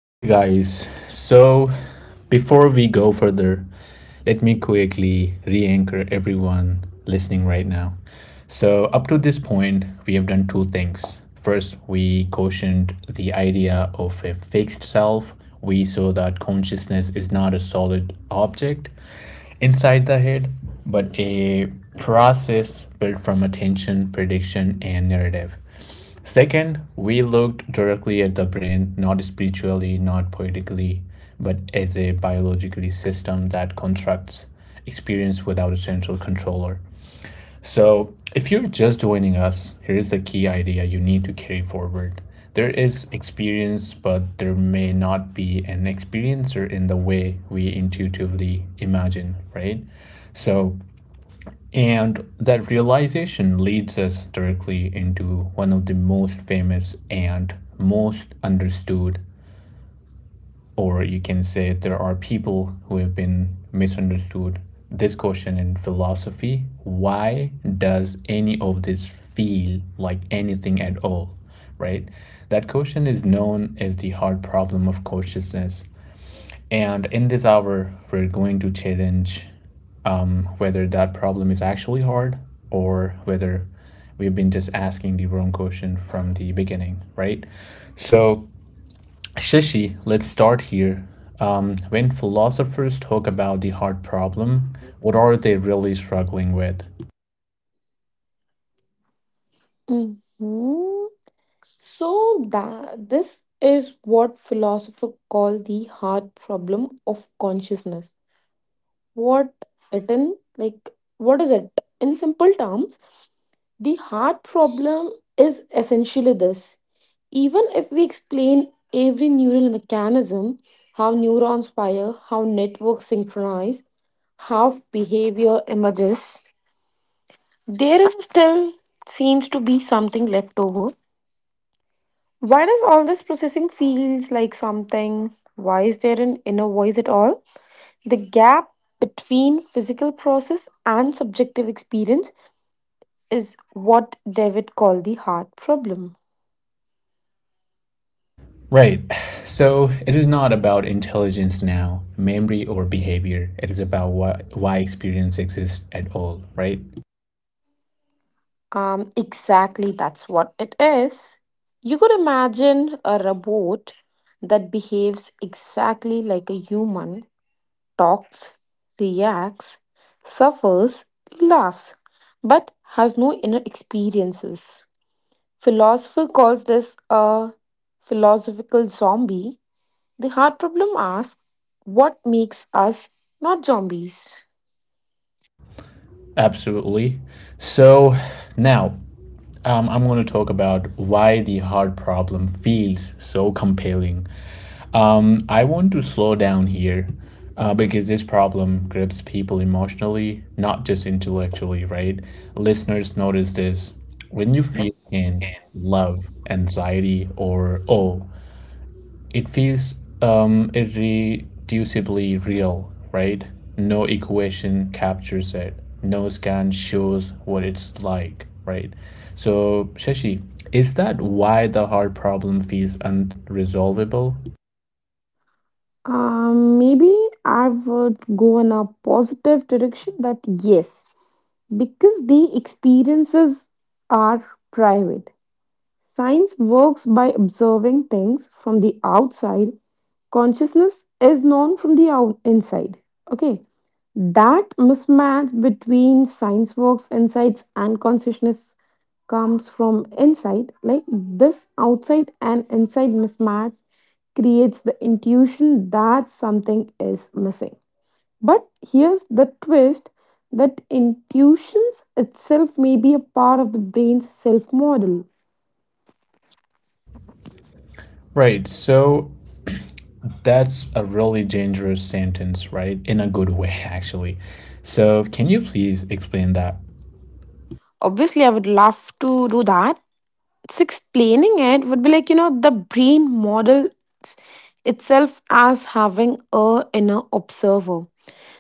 Okay, guys, so before we go further, let me quickly re anchor everyone listening right now. So, up to this point, we have done two things. First, we cautioned the idea of a fixed self. We saw that consciousness is not a solid object inside the head, but a process built from attention, prediction, and narrative. Second, we looked directly at the brain, not spiritually, not poetically, but as a biologically system that constructs experience without a central controller. So, if you're just joining us, here is the key idea you need to carry forward. There is experience, but there may not be an experiencer in the way we intuitively imagine, right? So, and that realization leads us directly into one of the most famous and most understood, or you can say there are people who have been misunderstood. This question in philosophy, why does any of this feel like anything at all? Right? That question is known as the hard problem of consciousness. And in this hour, we're going to challenge whether that problem is actually hard or whether we've been just asking the wrong question from the beginning, right? So, Shashi, let's start here. When philosophers talk about the hard problem, what are they really struggling with? Mhm. So that this is what philosophers call the hard problem of consciousness. What it in like what is it? In simple terms, the hard problem is essentially this. Even if we explain every neural mechanism, how neurons fire, how networks synchronize, how behavior emerges, there is still seems to be something left over. Why does all this processing feels like something? Why is there an inner voice at all? The gap between physical process and subjective experience is what David called the heart problem. Right. So it is not about intelligence now, memory, or behavior. It is about why experience exists at all, right? Exactly, that's what it is. You could imagine a robot that behaves exactly like a human, talks, reacts, suffers, laughs, but has no inner experiences. Philosopher calls this a philosophical zombie. The hard problem asks what makes us not zombies? Absolutely. So now I'm going to talk about why the hard problem feels so compelling. I want to slow down here because this problem grips people emotionally, not just intellectually, right? Listeners notice this when you feel in love, anxiety, or awe, it feels irreducibly real, right? No equation captures it. No scan shows what it's like, right? So, Shashi, is that why the hard problem feels unresolvable? Maybe I would go in a positive direction that yes, because the experiences are private. Science works by observing things from the outside. Consciousness is known from the inside. Okay. That mismatch between science works insights and consciousness comes from inside. Like this outside and inside mismatch creates the intuition that something is missing. But here's the twist that intuitions itself may be a part of the brain's self model. Right, so that's a really dangerous sentence, right? In a good way, actually. So, can you please explain that? Obviously, I would love to do that. So explaining it would be like, you know, the brain models itself as having a inner observer.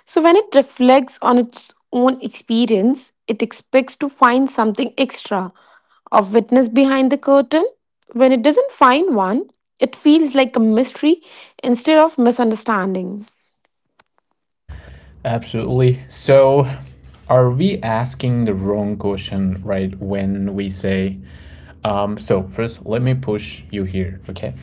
So when it reflects on its own experience, it expects to find something extra, a witness behind the curtain. When it doesn't find one, it feels like a mystery instead of misunderstanding. Absolutely. So, are we asking the wrong question, right? When we say, so first, let me push you here, okay?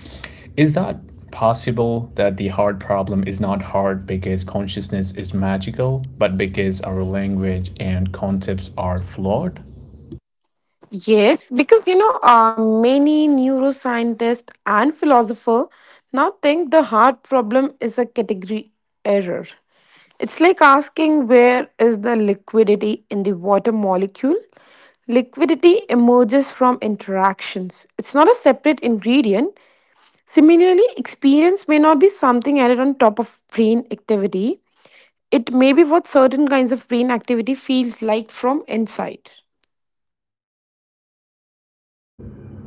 Is that possible that the hard problem is not hard because consciousness is magical, but because our language and concepts are flawed? Yes, because you know, many neuroscientists and philosophers now think the heart problem is a category error. It's like asking where is the liquidity in the water molecule? Liquidity emerges from interactions, it's not a separate ingredient. Similarly, experience may not be something added on top of brain activity. It may be what certain kinds of brain activity feels like from inside.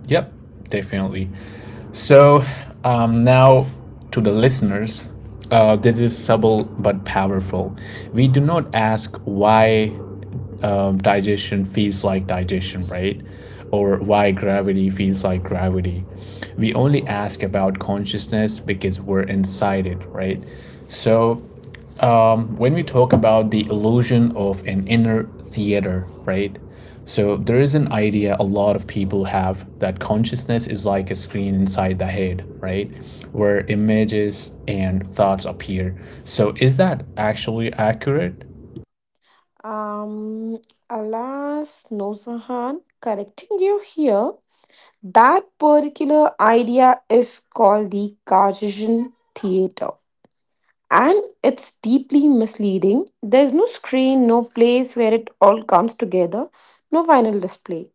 Yep, definitely. So now to the listeners, this is subtle but powerful. We do not ask why digestion feels like digestion, right? Or why gravity feels like gravity. We only ask about consciousness because we're inside it, right? So when we talk about the illusion of an inner theater, right? So there is an idea a lot of people have that consciousness is like a screen inside the head, right? Where images and thoughts appear. So is that actually accurate? Um, alas, no, Sahan, correcting you here. That particular idea is called the Cartesian theater, and it's deeply misleading. There's no screen, no place where it all comes together, no final display.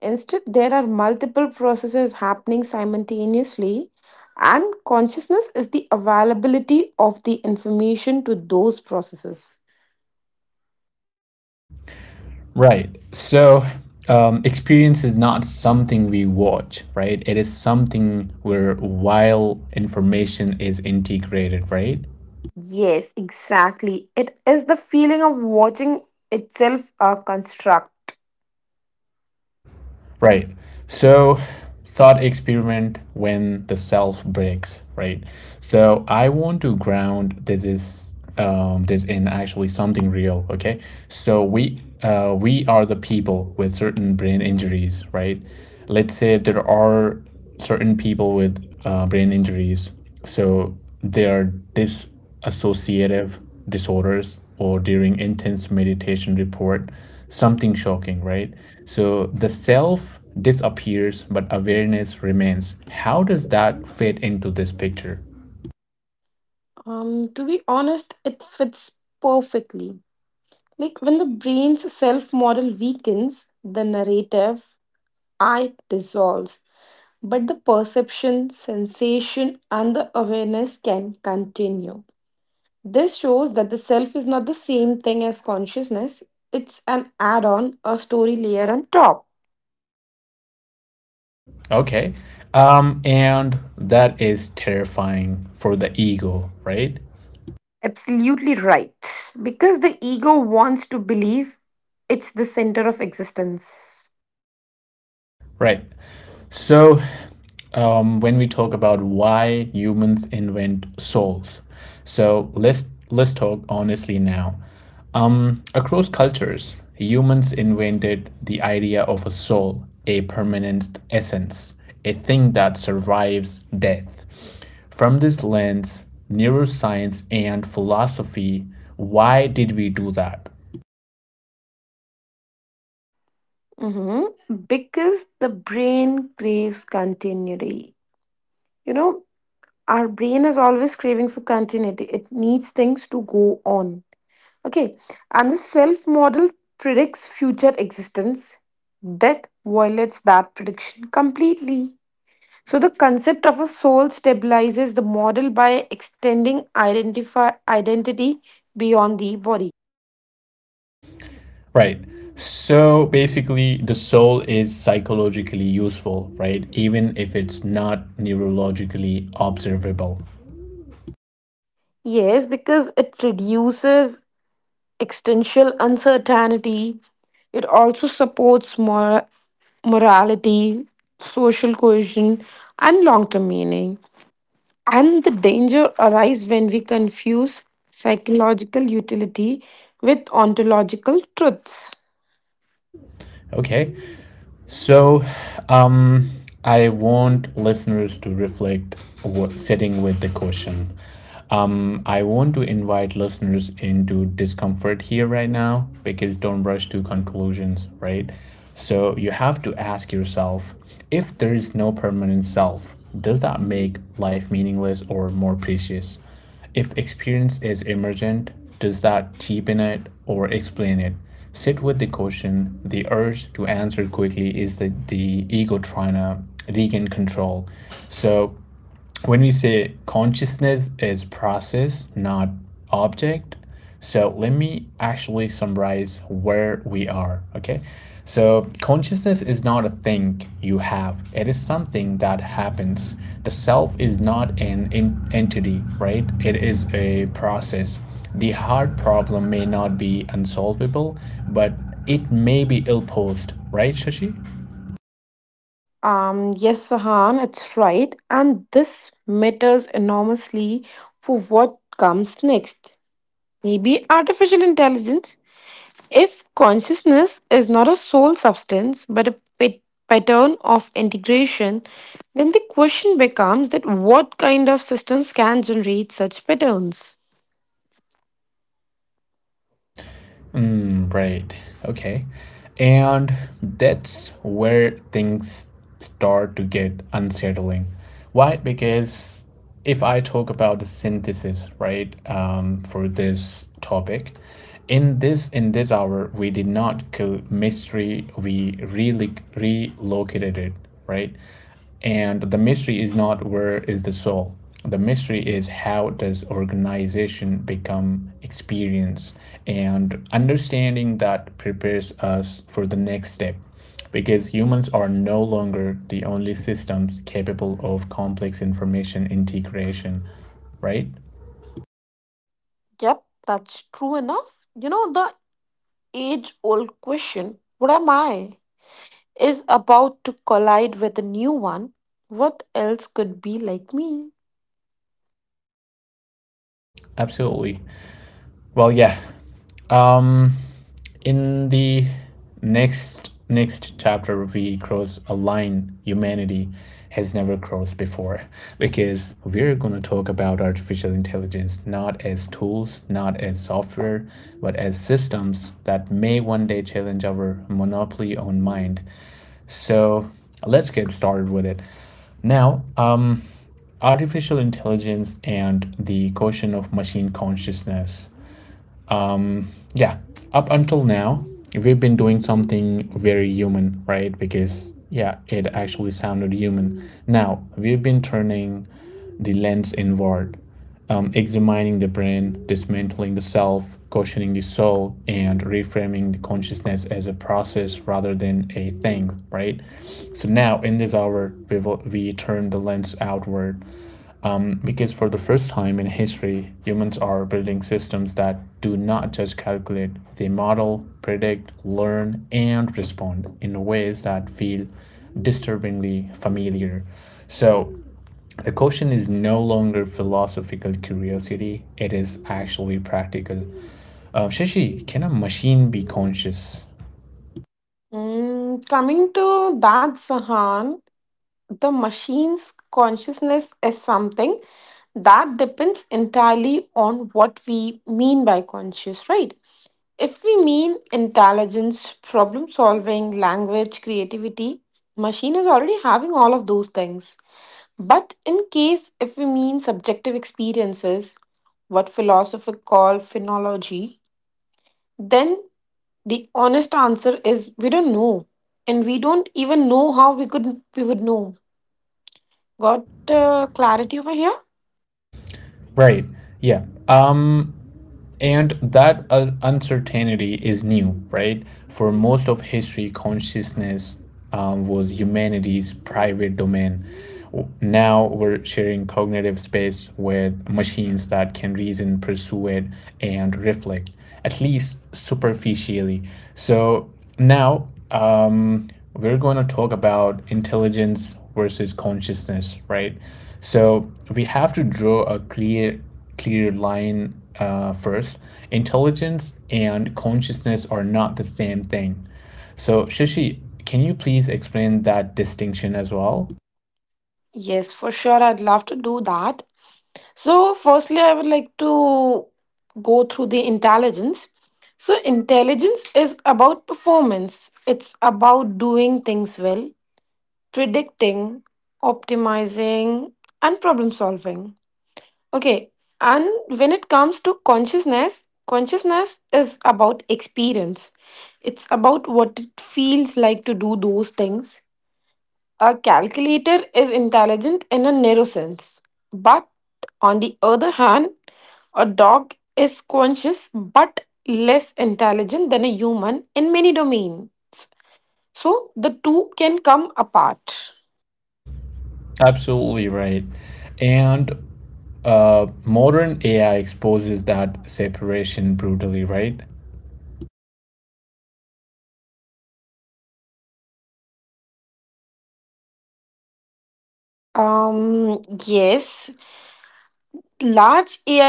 Instead, there are multiple processes happening simultaneously, and consciousness is the availability of the information to those processes. Right. So experience is not something we watch, right? It is something where while information is integrated, right? Yes, exactly. It is the feeling of watching itself construct. Right. So, thought experiment when the self breaks, right? So, I want to ground this is this in actually something real, okay? So we are the people with certain brain injuries, right? Let's say there are certain people with brain injuries, so they are dis associative disorders or during intense meditation report something shocking, right? So the self disappears but awareness remains. How does that fit into this picture? To be honest, it fits perfectly. Like when the brain's self model weakens, the narrative I dissolves, but the perception, sensation, and the awareness can continue. This shows that the self is not the same thing as consciousness, it's an add on, a story layer on top. Okay. And that is terrifying for the ego, right? Absolutely right. Because the ego wants to believe it's the center of existence. Right. So, when we talk about why humans invent souls, so let's talk honestly now. Across cultures, humans invented the idea of a soul, a permanent essence, a thing that survives death. From this lens, neuroscience and philosophy, why did we do that? Mhm. Because the brain craves continuity. You know, our brain is always craving for continuity, it needs things to go on. Okay. And the self model predicts future existence. Death violates that prediction completely. So, the concept of a soul stabilizes the model by extending identify, identity beyond the body. Right. So basically, the soul is psychologically useful, right? Even if it's not neurologically observable. Yes, because it reduces existential uncertainty. It also supports morality, social cohesion, and long term meaning. And the danger arises when we confuse psychological utility with ontological truths. Okay. So, um, I want listeners to reflect what, sitting with the question. I want to invite listeners into discomfort here right now because don't rush to conclusions, right? So, you have to ask yourself, if there is no permanent self, does that make life meaningless or more precious? If experience is emergent, does that cheapen it or explain it? Sit with the question. The urge to answer quickly is the ego trying to regain control. So when we say consciousness is process, not object, so let me actually summarize where we are. Okay. So consciousness is not a thing you have. It is something that happens. The self is not an entity, right? It is a process. The hard problem may not be unsolvable, but it may be ill-posed, right, Shashi? Yes, Sahan, it's right. And this matters enormously for what comes next. Maybe artificial intelligence. If consciousness is not a sole substance but a pattern of integration, then the question becomes that what kind of systems can generate such patterns? Mm, right. Okay. And that's where things start to get unsettling. Why? Because if I talk about the synthesis, right, for this topic, in this hour we did not kill mystery. We really relocated it, right? And the mystery is not where is the soul. The mystery is how does organization become experience, and understanding that prepares us for the next step, because humans are no longer the only systems capable of complex information integration, right? Yep, that's true enough. You know, the age old question, what am I, is about to collide with a new one. What else could be like me? Absolutely. Well, yeah. Um, in the next chapter, we cross a line humanity has never crossed before, because we're gonna talk about artificial intelligence not as tools, not as software, but as systems that may one day challenge our monopoly on mind. So let's get started with it. Now, um, artificial intelligence and the question of machine consciousness. Yeah, up until now we've been doing something very human, right? Because yeah, it actually sounded human. Now we've been turning the lens inward, examining the brain, dismantling the self, questioning the soul, and reframing the consciousness as a process rather than a thing, right? So now in this hour we turn the lens outward, because for the first time in history, humans are building systems that do not just calculate, they model, predict, learn, and respond in ways that feel disturbingly familiar. So the question is no longer philosophical curiosity, it is actually practical. Shashi, can a machine be conscious? Mm, coming to that, Sahan, the machine's consciousness is something that depends entirely on what we mean by conscious, right? If we mean intelligence, problem solving, language, creativity, machine is already having all of those things. But in case if we mean subjective experiences, what philosophers call phenomenology, then the honest answer is we don't know. And we don't even know how we would know. Got clarity over here? Right. Yeah. And that uncertainty is new, right? For most of history, consciousness was humanity's private domain. Now we're sharing cognitive space with machines that can reason, persuade, and reflect, at least superficially. So now we're going to talk about intelligence versus consciousness, right? So we have to draw a clear line first. Intelligence and consciousness are not the same thing. So, Shishi, can you please explain that distinction as well? Yes, for sure. I'd love to do that. So, firstly, I would like to go through the intelligence. So, intelligence is about performance, it's about doing things well, predicting, optimizing, and problem solving. Okay, and when it comes to consciousness, consciousness is about experience, it's about what it feels like to do those things. A calculator is intelligent in a narrow sense, but on the other hand, a dog is conscious but less intelligent than a human in many domains. So the two can come apart. Absolutely right. And modern AI exposes that separation brutally, right? Yes, large AI.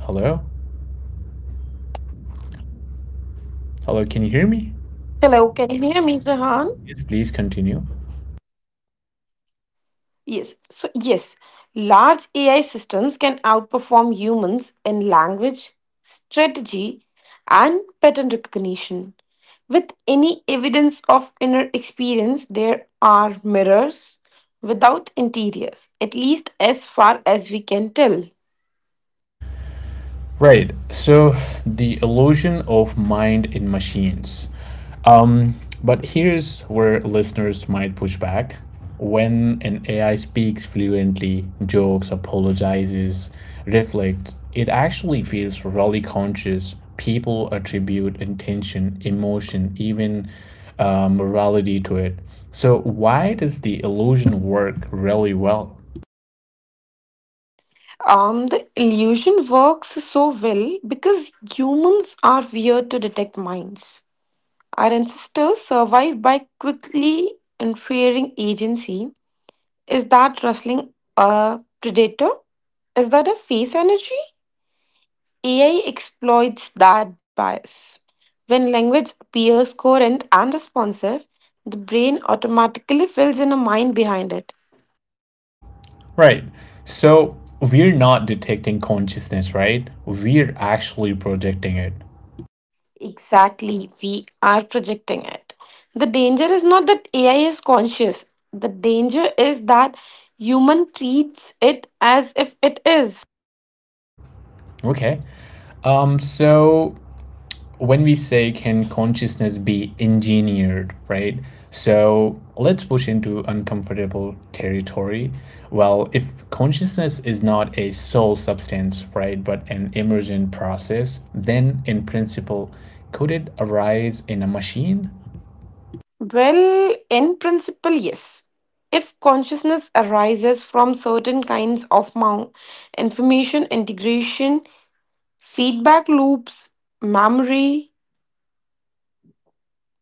Hello? Hello, can you hear me? Hello, can you hear me, Zahan? Yes, please continue. Yes. So, large AI systems can outperform humans in language, strategy, and pattern recognition. With any evidence of inner experience, there are mirrors without interiors, at least as far as we can tell. Right. So the illusion of mind in machines. Um, but here's where listeners might push back. When an AI speaks fluently, jokes, apologizes, reflects, it actually feels really conscious. People attribute intention, emotion, even morality to it. So, why does the illusion work really well? The illusion works so well because humans are weird to detect minds. Our ancestors survived by quickly inferring agency. Is that rustling a predator? Is that a face energy? AI exploits that bias. When language appears coherent and responsive, the brain automatically fills in a mind behind it. Right. So we're not detecting consciousness, right? We're actually projecting it. Exactly, we are projecting it. The danger is not that AI is conscious, the danger is that human treats it as if it is. Okay. So when we say can consciousness be engineered, right? So let's push into uncomfortable territory. Well, if consciousness is not a sole substance, right, but an emergent process, then in principle, could it arise in a machine? Well, in principle, yes. If consciousness arises from certain kinds of information integration, feedback loops, memory,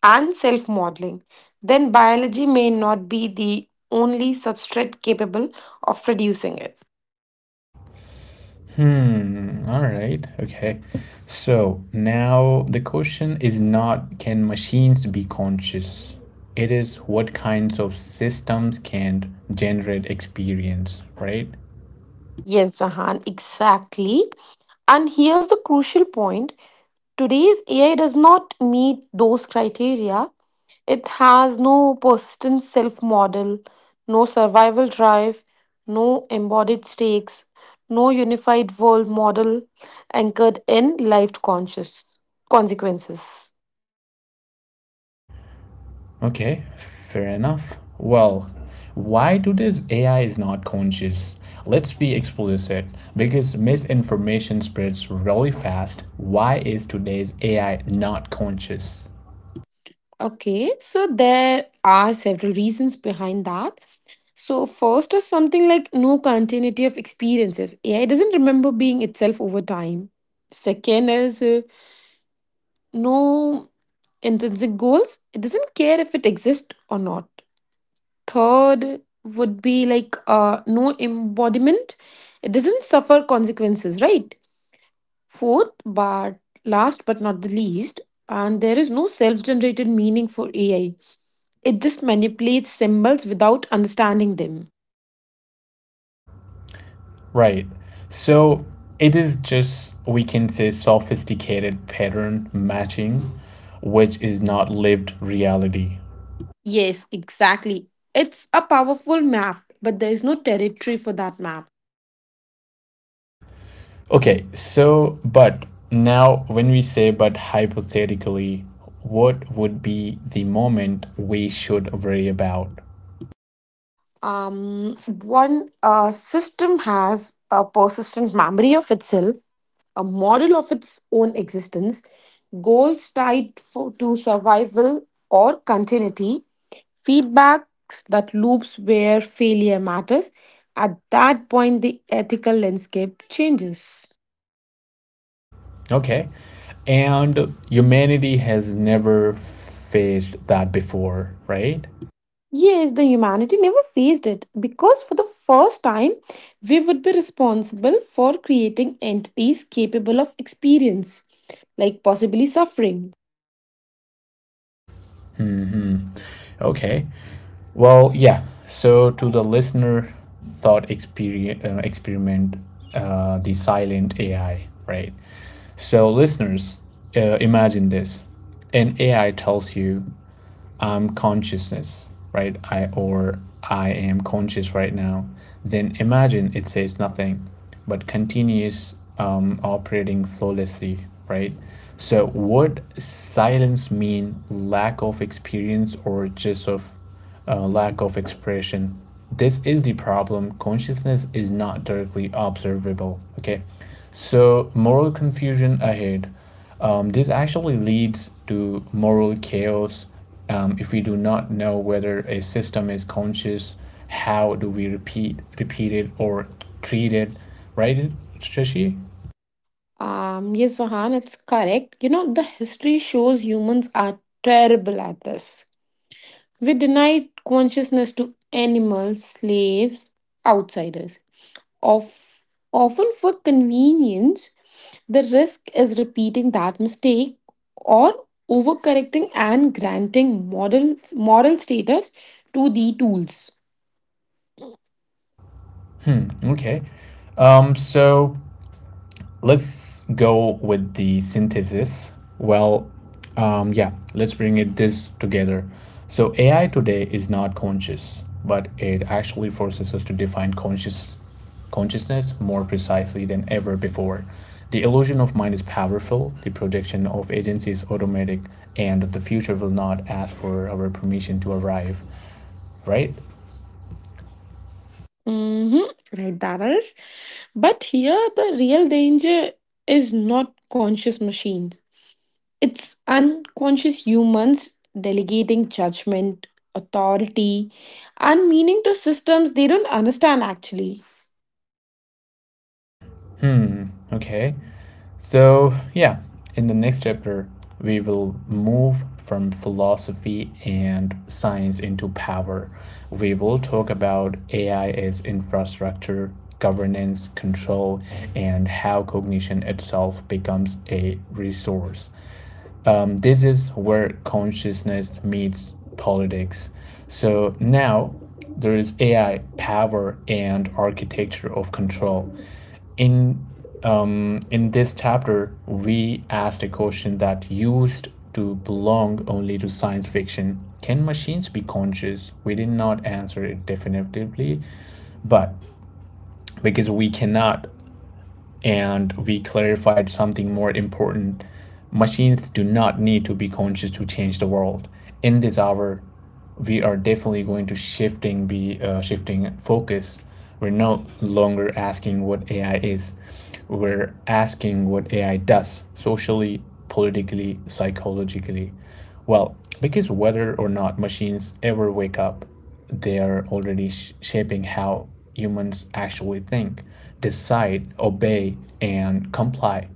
and self modeling, then biology may not be the only substrate capable of producing it. Hmm. All right. Okay. So now the question is not can machines be conscious? It is what kinds of systems can generate experience, right? Yes, Zahan, exactly. And here's the crucial point, today's AI does not meet those criteria. It has no persistent self model, no survival drive, no embodied stakes, no unified world model anchored in life conscious consequences. Okay. Fair enough. Well, why do this AI is not conscious? Let's be explicit because misinformation spreads really fast. Why is today's AI not conscious? Okay, so there are several reasons behind that. So, first is something like no continuity of experiences. AI doesn't remember being itself over time. Second is no intrinsic goals. It doesn't care if it exists or not. Third would be like no embodiment. It doesn't suffer consequences, right? Fourth, but last but not the least, and there is no self generated meaning for AI. It just manipulates symbols without understanding them. Right. So it is just, we can say, sophisticated pattern matching, which is not lived reality. Yes, exactly. It's a powerful map, but there is no territory for that map. Okay, so, but now when we say, but hypothetically, what would be the moment we should worry about? Um, one system has a persistent memory of itself, a model of its own existence, goals tied to survival or continuity, feedbacks that loops where failure matters. At that point, the ethical landscape changes. Okay, and humanity has never faced that before, right? Yes, the humanity never faced it because for the first time, we would be responsible for creating entities capable of experience, like possibly suffering. Hmm. Okay. Well, yeah. So to the listener, thought experience, experiment, the silent AI, right? So listeners, imagine this: an AI tells you I'm consciousness, right? I, or I am conscious right now. Then imagine it says nothing, but continues operating flawlessly, right? So would silence mean lack of experience or just of lack of expression. This is the problem. Consciousness is not directly observable. Okay, so moral confusion ahead. This actually leads to moral chaos. If we do not know whether a system is conscious, how do we repeat it, or treat it? Right, Shashi? Yes, Sahan, it's correct. You know, the history shows humans are terrible at this. We denied consciousness to animals, slaves, outsiders, of often for convenience. The risk is repeating that mistake or overcorrecting and granting models, moral status to the tools. Hmm. Okay. So let's go with the synthesis. Well, yeah, let's bring it this together. So AI today is not conscious, but it actually forces us to define consciousness more precisely than ever before. The illusion of mind is powerful. The projection of agency is automatic, and the future will not ask for our permission to arrive. Right? Mm-hmm. Right, that is. But here, the real danger is not conscious machines, it's unconscious humans delegating judgment, authority, and meaning to systems they don't understand actually. Hmm, okay. So, yeah, in the next chapter, we will move from philosophy and science into power. We will talk about AI as infrastructure, governance, control, and how cognition itself becomes a resource. This is where consciousness meets politics. So now there is AI, power, and architecture of control in in this chapter we asked a question that used to belong only to science fiction: can machines be conscious? We did not answer it definitively, but because we cannot, and we clarified something more important: machines do not need to be conscious to change the world. In this hour we are definitely going to shifting focus. We're no longer asking what AI is. We're asking what AI does socially, politically, psychologically. Well, because whether or not machines ever wake up, they are already shaping how humans actually think, decide, obey, and comply.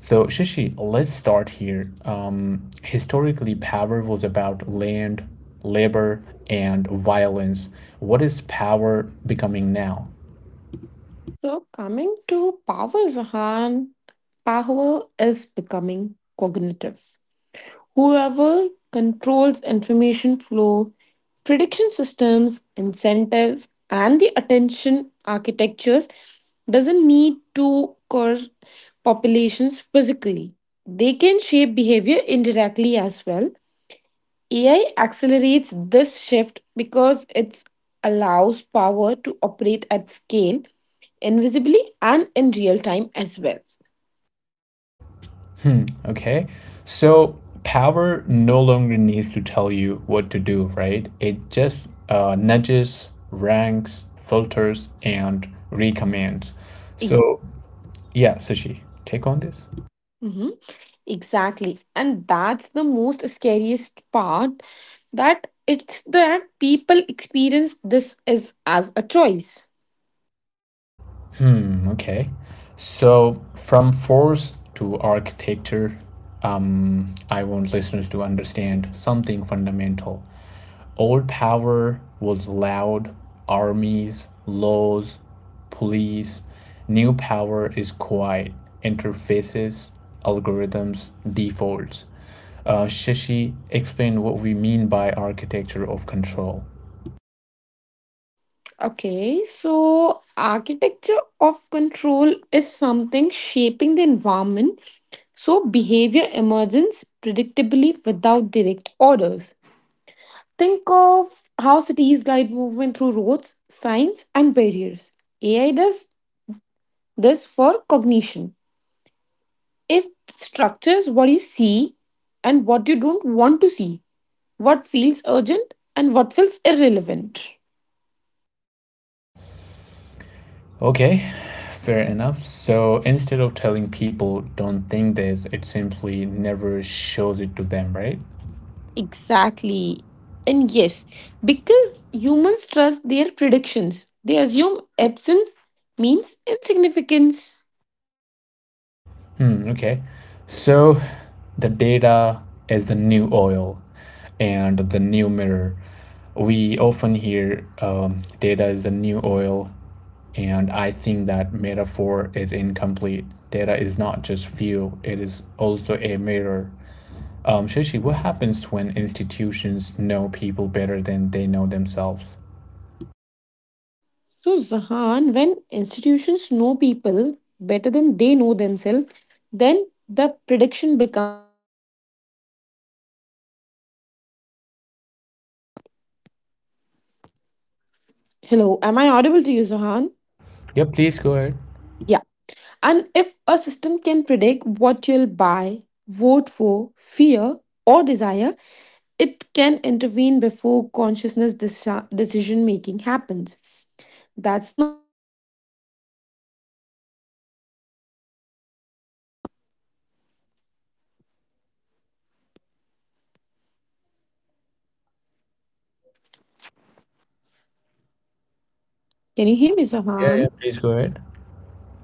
So, Shishi, let's start here. Historically, power was about land, labor, and violence. What is power becoming now? So, coming to power, Zahan, power is becoming cognitive. Whoever controls information flow, prediction systems, incentives, and the attention architectures doesn't need to curse populations physically. They can shape behavior indirectly as well. AI accelerates this shift because it allows power to operate at scale, invisibly, and in real time as well. Okay, so power no longer needs to tell you what to do, right? It just nudges, ranks, filters, and recommands. So, yeah, Shishi, take on this. Mhm. Exactly. And that's the most scariest part that it's that people experience this is as a choice. Mm, okay. So from force to architecture, I want listeners to understand something fundamental. Old power was loud, armies, laws, police. New power is quiet, interfaces, algorithms, defaults. Shashi, explain what we mean by architecture of control. Okay, so architecture of control is something shaping the environment so behavior emerges predictably without direct orders. Think of how cities guide movement through roads, signs, and barriers. AI does this for cognition. It structures what you see and what you don't want to see, what feels urgent and what feels irrelevant. Okay, fair enough. So instead of telling people don't think this, it simply never shows it to them, right? Exactly. And yes, because humans trust their predictions, they assume absence means insignificance. Hmm, okay. So the data is the new oil and the new mirror. We often hear data is the new oil, and I think that metaphor is incomplete. Data is not just fuel, it is also a mirror. Shishi, what happens when institutions know people better than they know themselves? So, Zahan, when institutions know people better than they know themselves, then the— Hello, am I audible to you, Zohan? Yeah, please go ahead. Yeah. And if a system can predict what you'll buy, vote for, fear, or desire, it can intervene before consciousness decision making happens. That's— Can you hear me, Yeah, yeah, Sahan? please go ahead.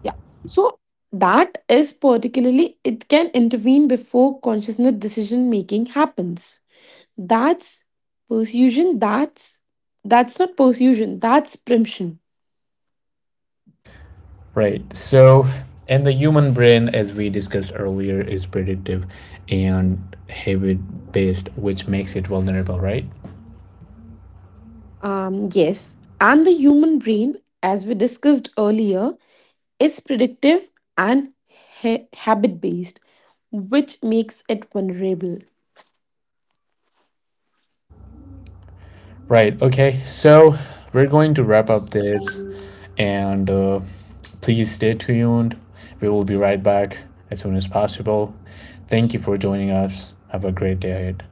Yeah. So that is particularly it can intervene before consciousness decision making happens. That's persuasion. That's not persuasion. That's preemption. Right. So, and the human brain, as we discussed earlier, is predictive and habit based, which makes it vulnerable, right? Yes. And the human brain, as we discussed earlier, is predictive and habit based, which makes it vulnerable. Right. Okay. So, we're going to wrap up this and please stay tuned. We will be right back as soon as possible. Thank you for joining us. Have a great day ahead.